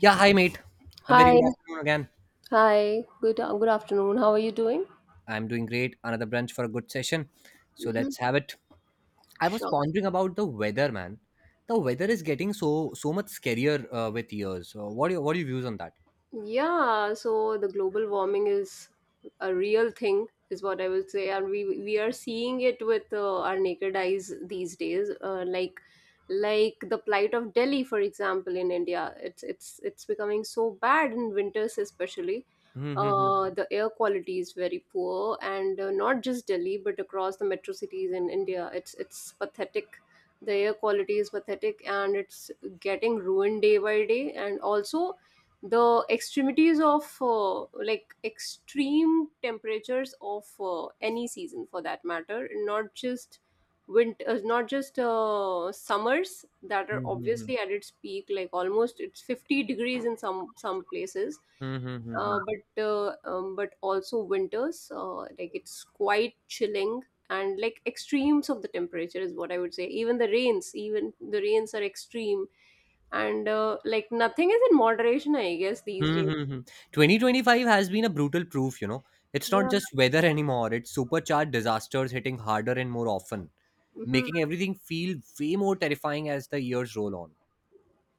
Yeah, hi mate. A very Hi, good afternoon again. hi. Good afternoon. How are you doing? I'm doing great. Another brunch for a good session. So Mm-hmm. let's have it. I was Sure. pondering about the weather, man. The weather is getting so much scarier with years. So what do you what are your views on that? Yeah, so the global warming is a real thing, is what I would say, and we are seeing it with our naked eyes these days. Like the plight of Delhi, for example, in India, it's becoming so bad in winters, especially. Mm-hmm. The air quality is very poor, and not just Delhi, but across the metro cities in India, it's pathetic. The air quality is pathetic, and it's getting ruined day by day, and also the extremities of like extreme temperatures of any season, for that matter, not just winters, not just summers, that are obviously at its peak, like almost it's 50 degrees in some places, but also winters, like it's quite chilling, and like extremes of the temperature is what I would say. Even the rains, even the rains are extreme, and like nothing is in moderation, I guess, these days. 2025 has been a brutal proof, you know. It's not just weather anymore, it's supercharged disasters hitting harder and more often, Hmm. making everything feel way more terrifying as the years roll on.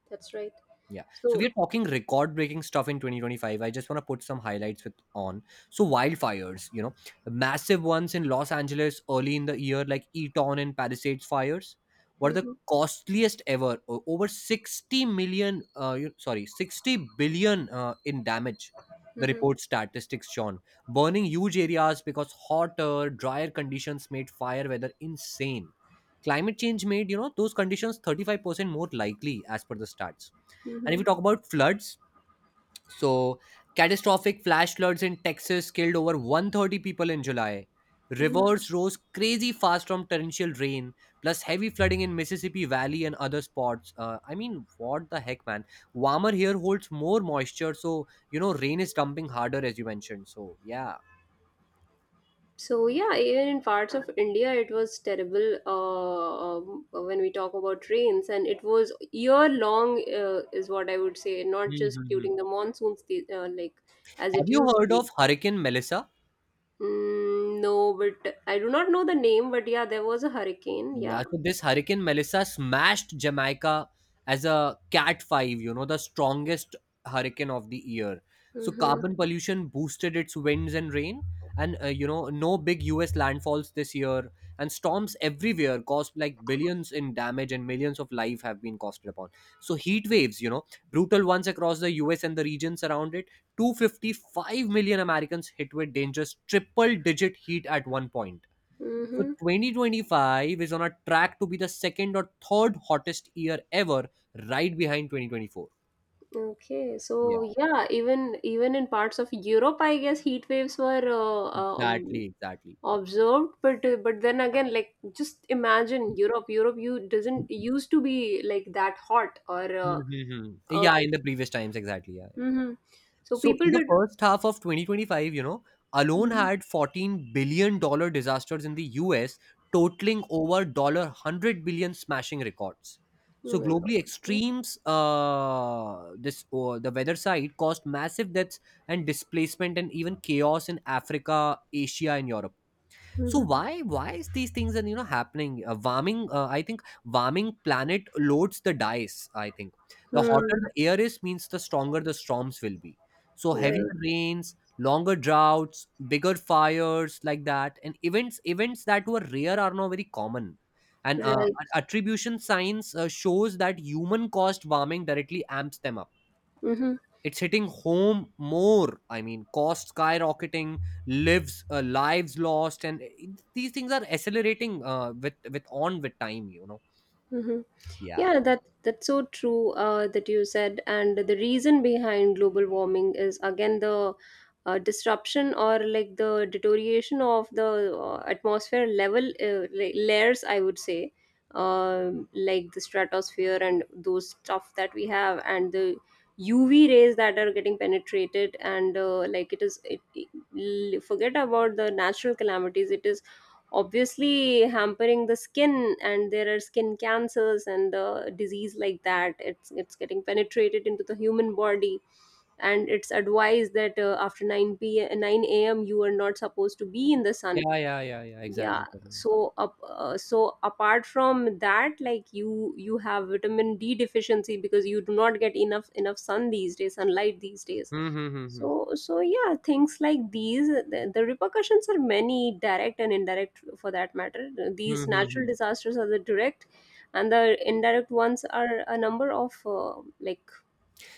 That's right. Yeah. So So. we're talking record breaking stuff in 2025. I just want to put some highlights with on. So wildfires, you know, massive ones in Los Angeles early in the year, like Eaton and Palisades fires, were the hmm costliest ever. Over 60 million, sorry, 60 billion in damage. The hmm report statistics shown burning huge areas because hotter, drier conditions made fire weather insane. Climate change made, you know, those conditions 35% more likely as per the stats. And if hmm you talk about floods, so catastrophic flash floods in Texas killed over 130 people in July. hmm Rivers rose crazy fast from torrential rain, plus heavy flooding in Mississippi Valley and other spots. I mean, what the heck, man? Warmer here holds more moisture, so you know rain is dumping harder, as you mentioned. So yeah. So yeah, even in parts of India, it was terrible, when we talk about rains, and it was year long, is what I would say, not just Mhm. during the monsoons, like as Have it you used to heard be. of Hurricane Melissa? Mm, no, but I do not know the name, but yeah, there was a hurricane. Yeah. Yeah, so this Hurricane Melissa smashed Jamaica as a Cat 5, you know, the strongest hurricane of the year. So Mm-hmm. carbon pollution boosted its winds and rain, and you know, no big US landfalls this year, and storms everywhere caused like billions in damage and millions of life have been costed upon. So heat waves, you know, brutal ones across the US and the regions around it. 255 million Americans hit with dangerous triple digit heat at one point. So Mm-hmm. 2025 is on a track to be the second or third hottest year ever, right behind 2024. Okay, so Yeah, yeah, even in parts of Europe, I guess heat waves were exactly, exactly. observed, but but then again, like, just imagine Europe. Europe, you doesn't used to be like that hot, or Mhm, mhm. uh, Yeah, pe- in the previous times, exactly. Yeah, Mhm. So so people in the did. first half of 2025, you know, alone Mhm. had 14 billion-dollar disasters in the US, totaling over dollar 100 billion smashing records. Oh So my globally, God. extremes, this or the weather side caused massive deaths and displacement and even chaos in Africa, Asia, and Europe. So Mhm. why is these things, and happening? Warming I think warming planet loads the dice, I think. The hotter Hmm. the air is means the stronger the storms will be. So Right, heavier rains, longer droughts, bigger fires like that, and events that were rare are now very common. And right. attribution science shows that human caused warming directly amps them up. Hmm. It's hitting home more, I mean, cost skyrocketing, lives lost, and these things are accelerating with time, you know. Mm-hmm. Yeah, Yeah, that's so true, that you said, and the reason behind global warming is again the disruption, or like the deterioration of the atmosphere level layers, I would say, like the stratosphere and those stuff that we have, and the UV rays that are getting penetrated, and like it is, it- l- forget about the natural calamities, it is obviously hampering the skin, and there are skin cancers and the disease like that. It's getting penetrated into the human body, and it's advised that after 9 p.m. 9 a.m. you are not supposed to be in the sun. yeah, yeah, yeah, yeah, Yeah, exactly. so apart from that, like, you have vitamin D deficiency because you do not get enough sun these days, sunlight these days. Mm-hmm. So yeah, things like these, the repercussions are many, direct and indirect. For that matter, these natural Mm-hmm. disasters are the direct, and the indirect ones are a number of like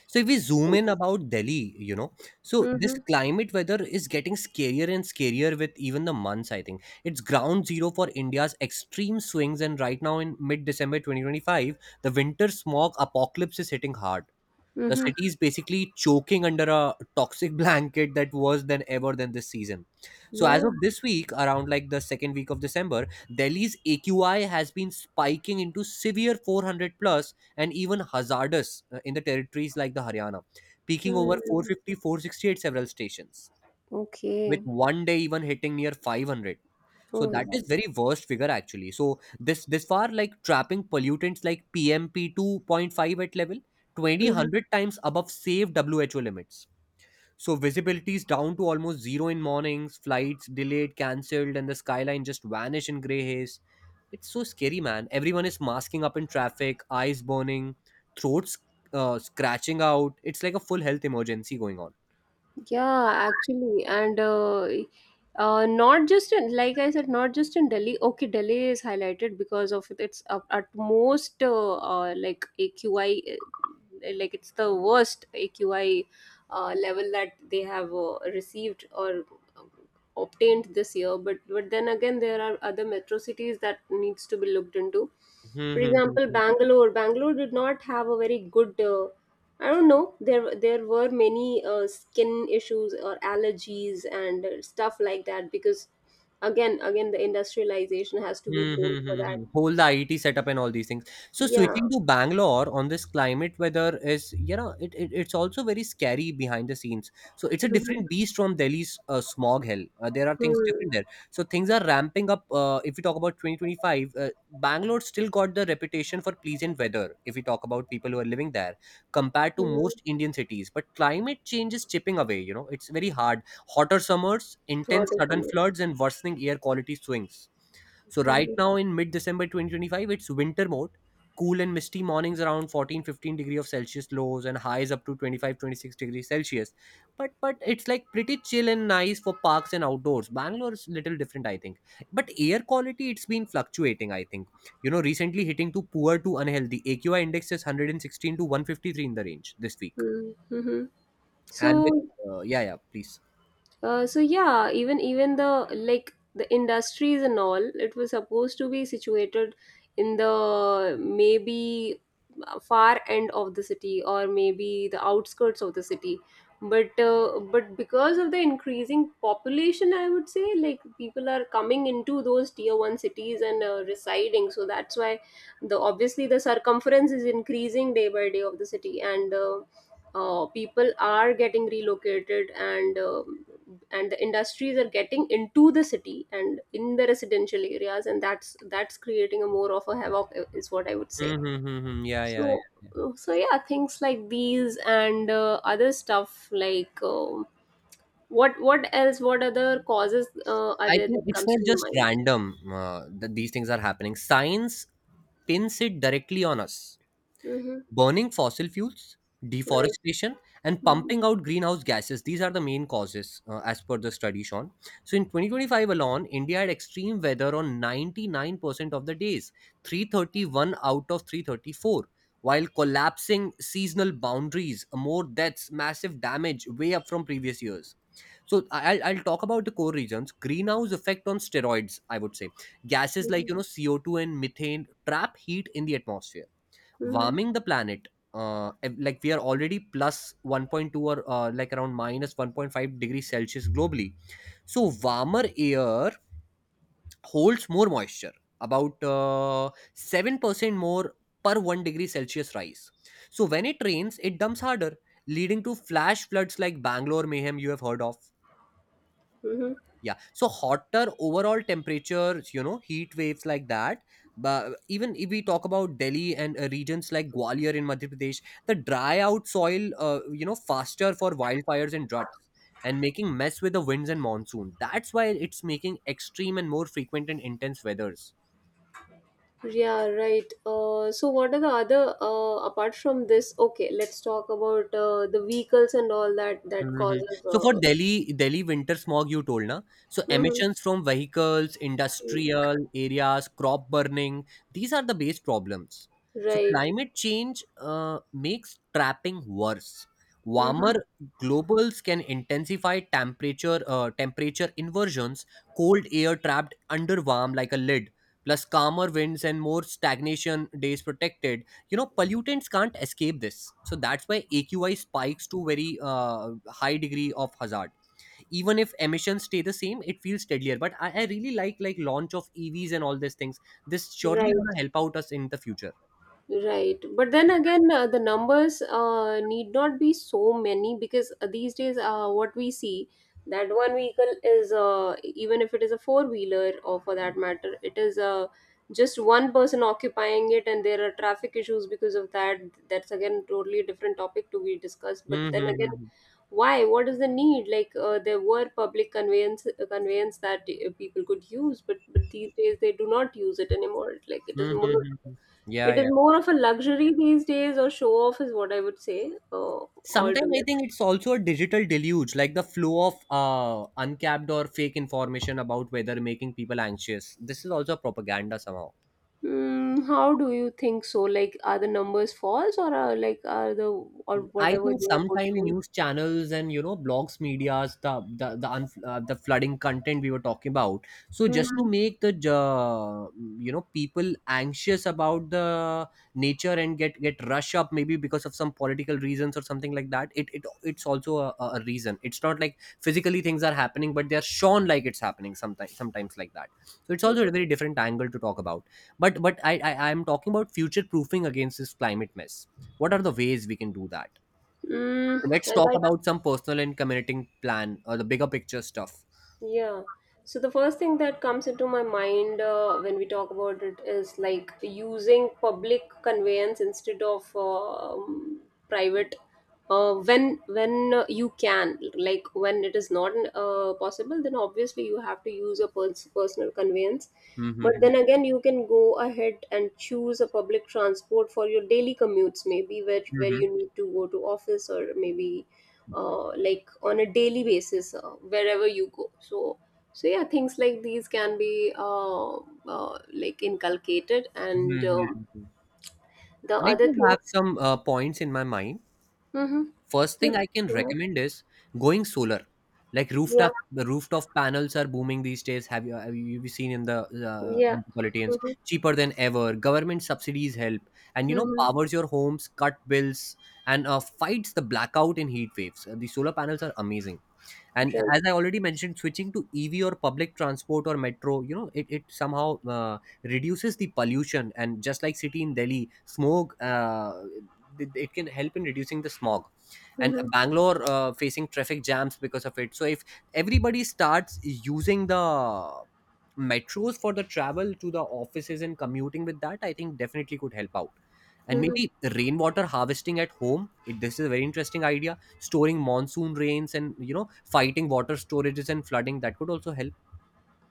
So if we zoom in things. about Delhi, you know, so this Mm-hmm, climate weather is getting scarier and scarier with even the months, I think. It's ground zero for India's extreme swings, and right now in mid December 2025, the winter smog apocalypse is hitting hard. The mm-hmm. city is basically choking under a toxic blanket that worse than ever than this season. So as Yeah. of this week, around like the second week of December, Delhi's AQI has been spiking into severe 400 plus and even hazardous in the territories like the Haryana, peaking over Mm. 450, 460 several stations, with Okay. one day even hitting near 500. So Oh my that is God. very worst figure actually. So this far like trapping pollutants like pmp 2.5 at level twenty Mm-hmm. hundred times above safe who limits. So visibility is down to almost zero in mornings, flights delayed, cancelled, and the skyline just vanish in gray haze. It's so scary, man. Everyone is masking up in traffic, eyes burning, throats scratching out. It's like a full health emergency going Yeah, actually, and not just in, like I said, not just in Delhi. Okay, Delhi is highlighted because of its utmost, like AQI, like it's the worst AQI level that they have received, or um, obtained this year. But then again, there are other metro cities that needs to be looked into. For on. example, Bangalore. Bangalore did not have a very good, I don't know. There were many skin issues or allergies and stuff like that, because again the industrialization has to be Hmm, blamed hmm, for hmm, that. hmm. Whole the IT setup and all these things. So Yeah. switching to Bangalore on this climate weather is, you know, it it's also very scary behind the scenes. So it's a different Mm-hmm. beast from Delhi's smog hell. There are things different there. So things are ramping up. If we talk about 2025, Bangalore still got the reputation for pleasant weather. If we talk about people who are living there, compared to Mm-hmm. most Indian cities, but climate change is chipping away. You know, it's very hard. Hotter summers, intense Autism. sudden floods, and worsening air quality swings. So right now Mm-hmm. in mid December 2025, it's winter mode, cool and misty mornings around 14 15 degree of Celsius lows, and highs up to 25 26 degrees Celsius. But it's like pretty chill and nice for parks and outdoors. Bangalore is little different, I think. But air quality, it's been fluctuating, I think. You know, recently hitting to poor to unhealthy. AQI index is 116 to 153 in the range this week. Hmm. Mm-hmm. And with, So. Yeah, yeah, please. So yeah, even the, like, the industries and all, it was supposed to be situated in the, maybe, far end of the city, or maybe the outskirts of the city. But but because of the increasing population, I would say, like people are coming into those tier one cities and residing. So that's why the, obviously, the circumference is increasing day by day of the city, and. People are getting relocated, and the industries are getting into the city and in the residential areas, and that's creating a more of a havoc, is what I would say. Mm-hmm, yeah, yeah, so yeah. so yeah, things like these, and other stuff like, what other causes are I there think that it's comes not to your just mind? random that these things are happening. Science pins it directly on us. Mm-hmm. Burning fossil fuels, Right. deforestation, and Mm-hmm. pumping out greenhouse gases. These are the main causes, as per the study, Sean. So in 2025 alone, India had extreme weather on 99% of the days, 331 out of 334, while collapsing seasonal boundaries, more deaths, massive damage, way up from previous years. So I'll talk about the core reasons. Greenhouse effect on steroids, I would say. Gases Mm-hmm. like, you know, CO2 and methane trap heat in the atmosphere, Mm-hmm. warming the planet. And, like we are already plus 1.2 or like around minus 1.5 degrees Celsius globally. So warmer air holds more moisture, about 7% more per 1 degree Celsius rise. So when it rains, it dumps harder, leading to flash floods like Bangalore mayhem you have heard of. Mm-hmm. Yeah. So hotter overall temperatures, you know, heat waves like that. But even if we talk about Delhi and regions like Gwalior in Madhya Pradesh, the dry out soil, you know, faster for wildfires and droughts, and making mess with the winds and monsoon. That's why it's making extreme and more frequent and intense weathers. Yeah, right. So, what are the other, apart from this? Okay, let's talk about the vehicles and all that Mhm. causes. So for Delhi, Delhi winter smog, you told na. So Mm-hmm. emissions from vehicles, Mm-hmm. industrial areas, crop burning, these are the base problems. So Right. climate change makes trapping worse. Mm-hmm. Warmer globals can intensify temperature inversions. Cold air trapped under warm like a lid, plus calmer winds and more stagnation days protected, you know, pollutants can't escape this. So that's why AQI spikes to very high degree of hazard. Even if emissions stay the same it feels steadier, but I really like launch of EVs and all these things. This surely Right. gonna help out us in the future. Right. But then again, the numbers need not be so many, because these days, what we see, that one vehicle is, even if it is a four wheeler, or for that matter, it is just one person occupying it, and there are traffic issues because of that. That's again totally different topic to be discussed. But Mm-hmm. then again, Mm-hmm. why? What is the need? Like, there were public conveyance, that people could use, but these days they do not use it anymore. Mm-hmm. Mm-hmm, mm-hmm. Yeah, It is yeah. more of a luxury these days, or show off, is what I would say, Sometimes I altogether. think it's also a digital deluge, like the flow of uncapped or fake information about weather making people anxious. This is also propaganda somehow. Mm, how do you think so? Like, are the numbers false, or are like are the or I whatever think they are sometime portraying? news channels and you know blogs, media's the the flooding content we were talking about. So just to Mm-hmm. make the you know people anxious about the nature and get rush up maybe because of some political reasons or something like that. It's also a reason. It's not like physically things are happening, but they're shown like it's happening sometimes like that. So it's also a very different angle to talk about. But I'm talking about future proofing against this climate mess. What are the ways we can do that? Mm, So let's I talk like. about some personal and community plan or the bigger picture stuff. Yeah. So the first thing that comes into my mind, when we talk about it, is like using public conveyance instead of private. When you can, like when it is not possible, then obviously you have to use a personal conveyance. But Mm-hmm. then again, you can go ahead and choose a public transport for your daily commutes, maybe where Mm-hmm. you need to go to office, or maybe like on a daily basis, wherever you go. So yeah, things like these can be like inculcated, and Mm-hmm. the I other do have things. some points in my mind. Mm-hmm. First Yeah, thing I can go ahead. recommend is going solar. Like Yeah, rooftop, the rooftop panels are booming these days. Have you seen in the yeah. metropolitans Mm-hmm. cheaper than ever? Government subsidies help, and you know Mm-hmm. powers your homes, cut bills, and fights the blackout and heat waves. The solar panels are amazing. And Right. as I already mentioned, switching to EV or public transport or metro, you know, it somehow reduces the pollution, and just like city in Delhi smog, it can help in reducing the smog, and Mm-hmm. Bangalore facing traffic jams because of it. So if everybody starts using the metros for the travel to the offices and commuting with that, I think definitely could help out. And Mm-hmm. maybe rainwater harvesting at home, this is a very interesting idea, storing monsoon rains and you know fighting water storages and flooding, that could also help.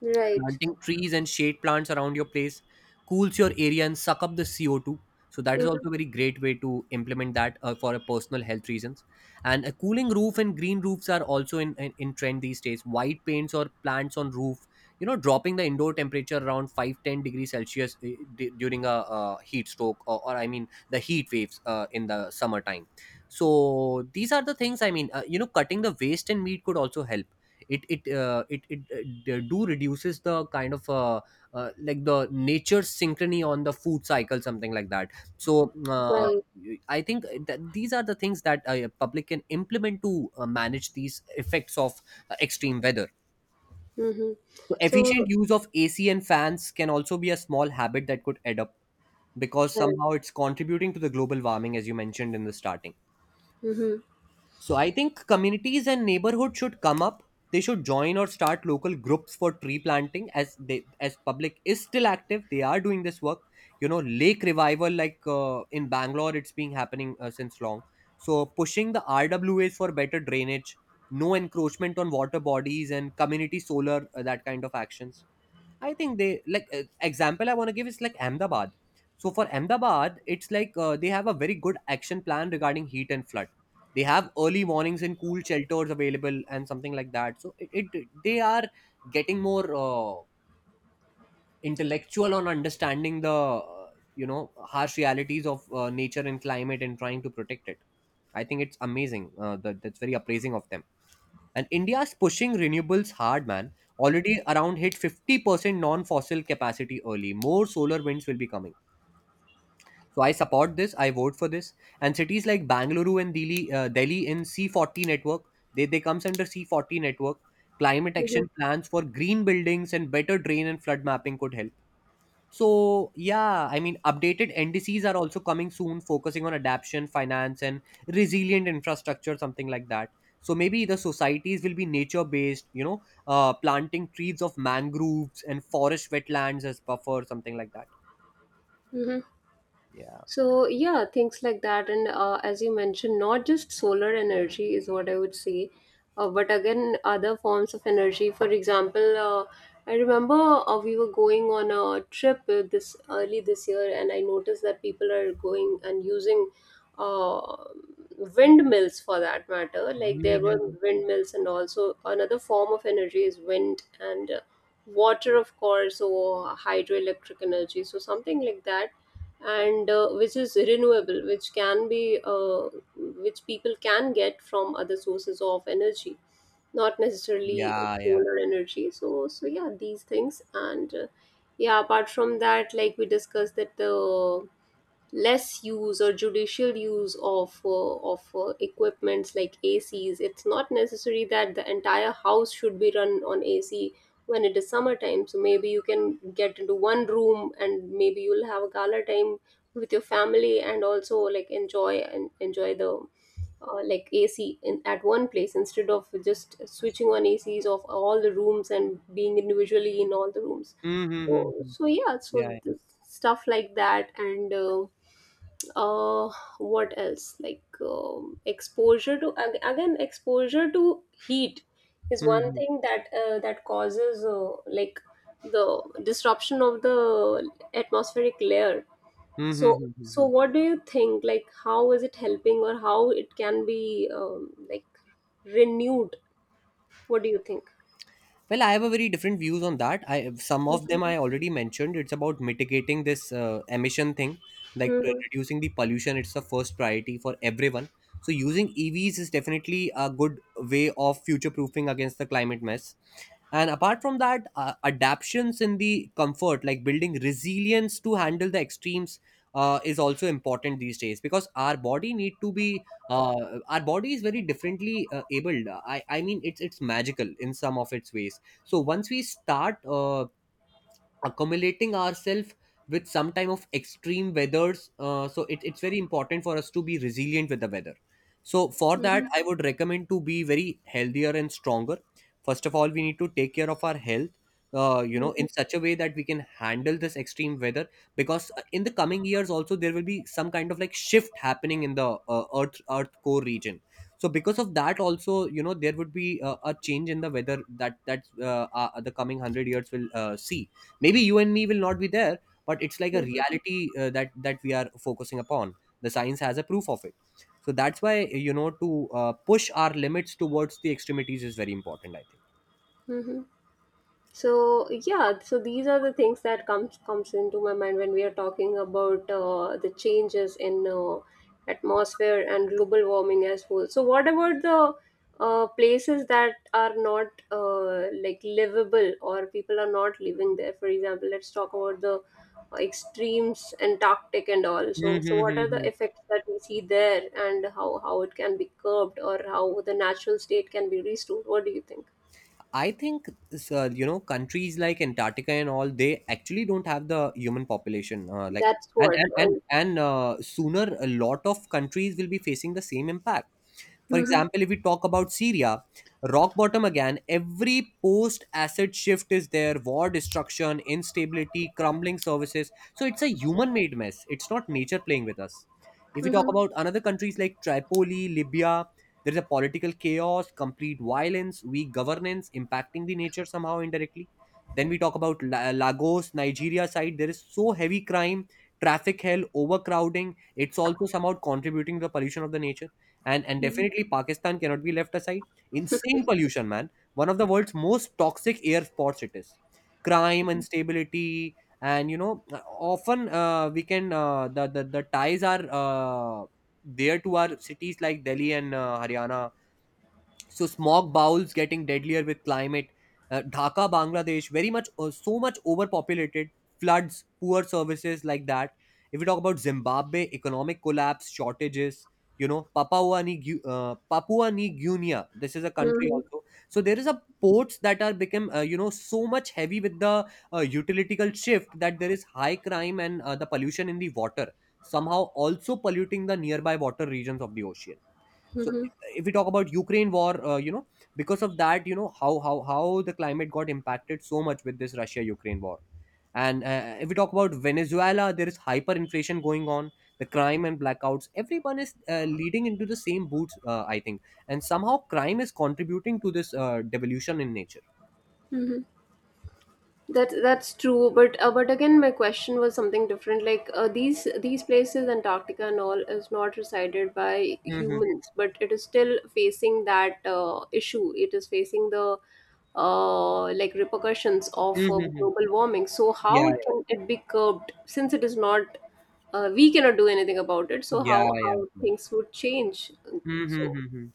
Right. Planting trees and shade plants around your place cools your area and suck up the CO2. So that is Mm-hmm. also a very great way to implement that for a personal health reasons. And a cooling roof and green roofs are also in trend these days. White paints or plants on roof, you know, dropping the indoor temperature around 5 to 10 degrees Celsius during a heat stroke or I mean the heat waves in the summertime. So these are the things I mean, cutting the waste and meat could also help it do reduces the kind of like the nature synchrony on the food cycle something like that so uh, Right. I think that these are the things that public can implement to manage these effects of extreme weather Mm-hmm. so So, efficient use of ac and fans can also be a small habit that could add up because right. somehow it's contributing to the global warming as you mentioned in the starting. Mm-hmm. So I think communities and neighborhood should come up. They should join or start local groups for tree planting as they as public is still active. They are doing this work. You know, lake revival like in Bangalore, it's been happening since long. So pushing the RWAs for better drainage, no encroachment on water bodies, and community solar that kind of actions. I think they like example I want to give is like Ahmedabad. So for Ahmedabad, it's like they have a very good action plan regarding heat and flood. They have early warnings and cool shelters available and something like that. So it they are getting more. Intellectual on understanding the harsh realities of nature and climate and trying to protect it. I think it's amazing that's very appraising of them. And india's pushing renewables hard man, already around hit 50% non-fossil capacity early, more solar winds will be coming. So I support this, I vote for this. And cities like bangalore and delhi, delhi in C40 network, they comes under C40 network. Climate Mm-hmm. action plans for green buildings and better drain and flood mapping could help. So yeah, I mean, updated NDCs are also coming soon, focusing on adaptation, finance, and resilient infrastructure, something like that. So maybe the societies will be nature-based, you know, planting trees of mangroves and forest wetlands as buffer, something like that. Mm-hmm. Yeah. So yeah, things like that, and as you mentioned, not just solar energy, is what I would say, but again other forms of energy. For example, I remember, we were going on a trip, this early this year, and I noticed that people are going and using uh, windmills, for that matter. Like, there were Mhm. windmills, and also another form of energy is wind, and water, of course, or hydroelectric energy. So something like that, and which is renewable, which can be, which people can get from other sources of energy, not necessarily Yeah, yeah. solar energy. So yeah, these things, and yeah, apart from that, like we discussed, that the less use or judicial use of equipments like ACs. It's not necessary that the entire house should be run on AC when it is summertime. So maybe you can get into one room and maybe you'll have a gala time with your family, and also like enjoy and enjoy the like AC at one place, instead of just switching on ACs of all the rooms and being individually in all the rooms. Mm-hmm. So, Mm-hmm. so yeah, Yeah. so Yeah. this stuff like that. And. Uh what else, like, exposure to again, exposure to heat is one Mhm. thing that causes like the disruption of the atmospheric layer. Mhm. so Mhm. so Mhm. what do you think, like, how is it helping, or how it can be like renewed? What do you think? Well, I have a very different views on that. I some of Mhm. them I already mentioned. It's about mitigating this emission thing, like Mhm. reducing the pollution. It's the first priority for everyone. So using EVs is definitely a good way of future proofing against the climate mess. And apart from that adaptions in the comfort like building resilience to handle the extremes is also important these days because our body need to be our body is very differently abled, i mean it's magical in some of its ways. So once we start accumulating ourselves with some time of extreme weathers so it's very important for us to be resilient with the weather. So for that Mhm. I would recommend to be very healthier and stronger. First of all we need to take care of our health you know Mhm. in such a way that we can handle this extreme weather. Because in the coming years also there will be some kind of like shift happening in the earth core region. So because of that also you know there would be a change in the weather that the coming 100 years will see, maybe you and me will not be there, but it's like a Mhm. reality that we are focusing upon. The science has a proof of it. So that's why, you know, to push our limits towards the extremities is very important I think. Mhm. So yeah, so these are the things that comes into my mind when we are talking about the changes in atmosphere and global warming as well. So what about the places that are not like livable, or people are not living there, for example? Let's talk about the extremes, antarctic and all. So what are the Mm-hmm. effects that we see there, and how it can be curbed, or how the natural state can be restored? What do you think? I think you know countries like Antarctica and all they actually don't have the human population. That's what. And. And Sooner a lot of countries will be facing the same impact. For Mhm. example, if we talk about Syria, rock bottom again, every post asset shift is there, war, destruction, instability, crumbling services. So it's a human made mess. It's not nature playing with us. If we talk Mhm. about another countries like Tripoli, Libya, there is a political chaos, complete violence, weak governance impacting the nature somehow indirectly. Then we talk about Lagos, Nigeria side. There is so heavy crime, traffic hell, overcrowding. It's also somehow contributing to the pollution of the nature. And Mhm. definitely pakistan cannot be left aside, insane pollution man, one of the world's most toxic air spots it is, crime instability. And you know often we can the ties are there to our cities like delhi and haryana. So smog bowls getting deadlier with climate. Dhaka bangladesh very much so much overpopulated, floods poor services like that. If we talk about zimbabwe economic collapse shortages, you know papua new papua new guinea, this is a country Mhm. also. So there is a ports that are become you know so much heavy with the utilitical shift that there is high crime and the pollution in the water, somehow also polluting the nearby water regions of the ocean. So Mhm. if we talk about ukraine war, you know, because of that you know how the climate got impacted so much with this russia ukraine war. And if we talk about venezuela there is hyperinflation going on, the crime and blackouts, everyone is leading into the same boots I think, and somehow crime is contributing to this devolution in nature. Mhm. That's true, but but again, my question was something different. Like, these places, Antarctica and all, is not resided by Mm-hmm. humans, but it is still facing that issue. It is facing the like repercussions of Mm-hmm. global warming. So how Yeah, can it be curbed, since it is not, we cannot do anything about it? So yeah, how yeah. how Yeah. things would change? So Mm-hmm.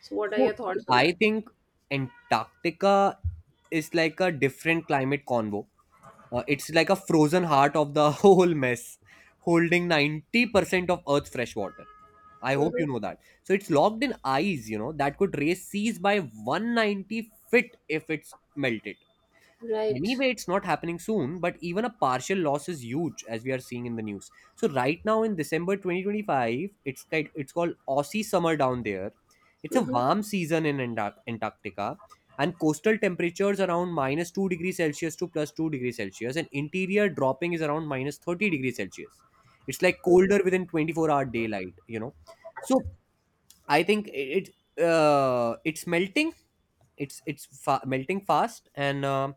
so what are your So thoughts see, on I that? think Antarctica is like a different climate convo. It's like a frozen heart of the whole mess, holding 90% of Earth's fresh water. I hope Hmm. you know that. So it's locked in ice, you know, that could raise seas by 190 feet if it's melted. Right. Anyway it's not happening soon but even a partial loss is huge as we are seeing in the news. So right now in december 2025 it's called aussie summer down there. It's a Mhm. warm season in antarctica, and coastal temperatures around minus 2 degrees celsius to plus 2 degrees celsius and interior dropping is around minus 30 degrees celsius. It's like Mhm. colder within 24-hour daylight you know. So I think it's melting. Melting fast, and uh,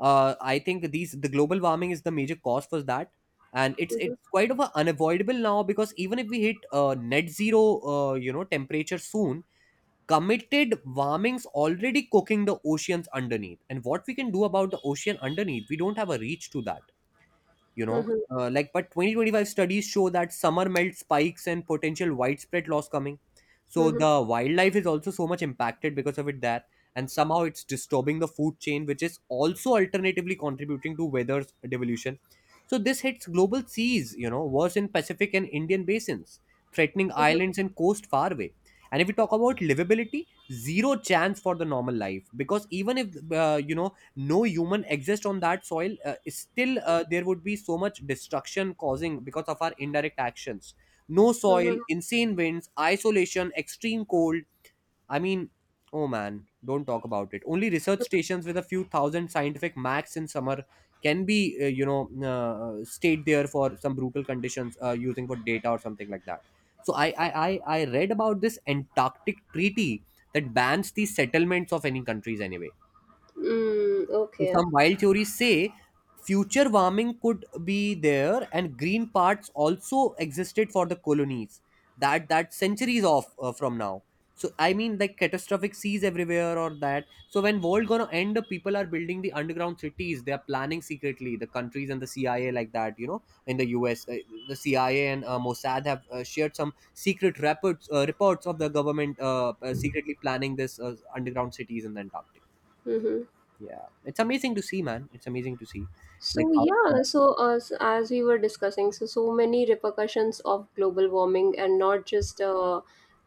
uh, I think these the global warming is the major cause for that, and it's Mhm. it's quite of a unavoidable now because even if we hit net zero, you know, temperature soon, committed warmings already cooking the oceans underneath. And what we can do about the ocean underneath, we don't have a reach to that you know. Mhm. But 2025 studies show that summer melt spikes and potential widespread loss coming. So Mhm. the wildlife is also so much impacted because of it there, and somehow it's disturbing the food chain which is also alternatively contributing to weather devolution. So this hits global seas you know worse in pacific and indian basins, threatening Mhm. islands and coast far away. And if we talk about livability zero chance for the normal life because even if you know no human exists on that soil still there would be so much destruction causing because of our indirect actions. No soil Mhm. insane winds isolation extreme cold I mean. Oh man, don't talk about it. Only research stations with a few thousand scientific max in summer can be, stayed there for some brutal conditions using for data or something like that. So I read about this Antarctic Treaty that bans the settlements of any countries anyway. Mm, So okay. some wild theories say future warming could be there, and green parts also existed for the colonies. That centuries off from now. So I mean, like catastrophic seas everywhere or that. So when world gonna end, the people are building the underground cities. They are planning secretly. The countries and the CIA like that. You know, in the US, the CIA and Mossad have shared some secret reports of the government secretly planning this underground cities in the Antarctic. Mhm. Yeah, it's amazing to see, man. It's amazing to see, like So how. yeah, so as we were discussing, so many repercussions of global warming, and not just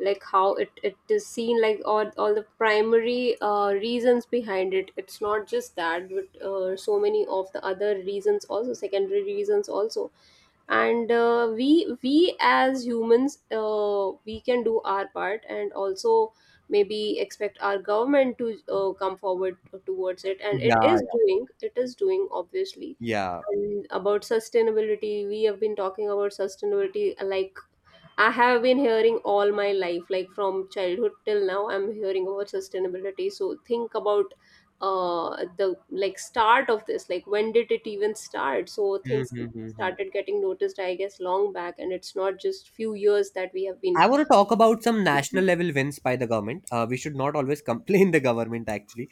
like how it is seen, like all the primary reasons behind it. It's not just that, but so many of the other reasons also, secondary reasons also. And we as humans, we can do our part, and also maybe expect our government to come forward towards it, and Yeah, it is yeah. doing, obviously. Yeah. And about sustainability, we have been talking about sustainability, like, I have been hearing all my life, like from childhood till now, I'm hearing about sustainability. So think about the, like, start of this, like, when did it even start? So things Mm-hmm. started getting noticed, I guess, long back, and it's not just few years that we have been. I want to talk about some national Mhm. level wins by the government. We should not always complain the government. Actually,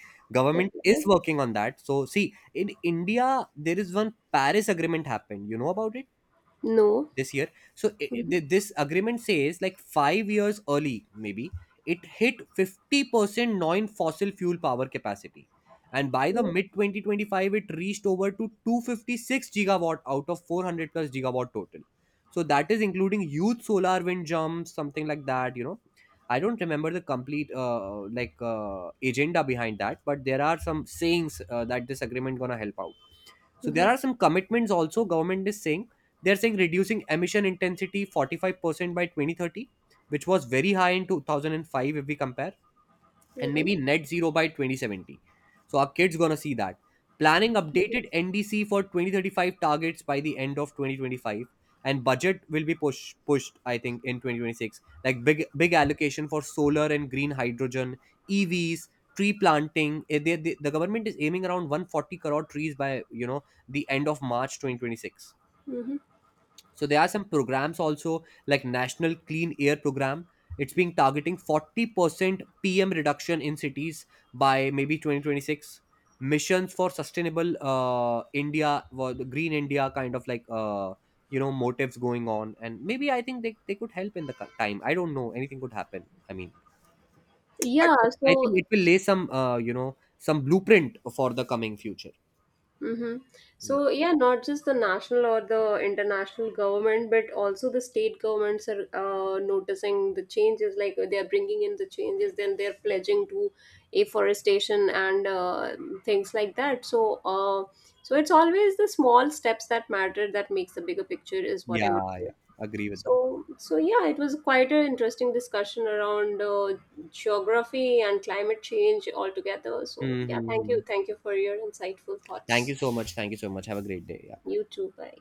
Yeah, government go is ahead. working on that. So, see, in India, there is one Paris Agreement happened. You know about it? No. This year. so i Mhm. th- this agreement says like 5 years early, maybe it hit 50% non fossil fuel power capacity, and by the Mhm. mid 2025 it reached over to 256 gigawatt out of 400 plus gigawatt total. So that is including huge solar wind jumps something like that you know. I don't remember the complete agenda behind that, but there are some sayings that this agreement gonna help out. So there are some commitments also government is saying. They're saying reducing emission intensity 45% by 2030, which was very high in 2005 if we compare, Mhm. and Mhm. maybe net zero by 2070. So our kids gonna see that. Planning Mhm. updated NDC for 2035 targets by the end of 2025, and budget will be pushed I think in 2026, like big allocation for solar and green hydrogen, EVs, tree planting. Eh, the government is aiming around 140 crore trees by you know the end of March 2026. Mhm. So there are some programs also like National Clean Air Program. It's been targeting 40% PM reduction in cities by maybe 2026. Missions for sustainable India, well, the Green India kind of like, motives going on. And maybe I think they could help in the time. I don't know. Anything could happen. I mean, Yeah, but I think so. it will lay some, some blueprint for the coming future. Mm-hmm. Yeah, So yeah, not just the national or the international government, but also the state governments are noticing the changes. Like, they are bringing in the changes, then they're pledging to afforestation and things like that. So, so it's always the small steps that matter, that makes the bigger picture, is what I yeah. would say. Yeah. Agree with that. So, yeah, it was quite an interesting discussion around geography and climate change altogether. So yeah, Hmm. thank you for your insightful Thank you thoughts. so much. Thank you so much. Have a great day. Yeah. You too. Bye.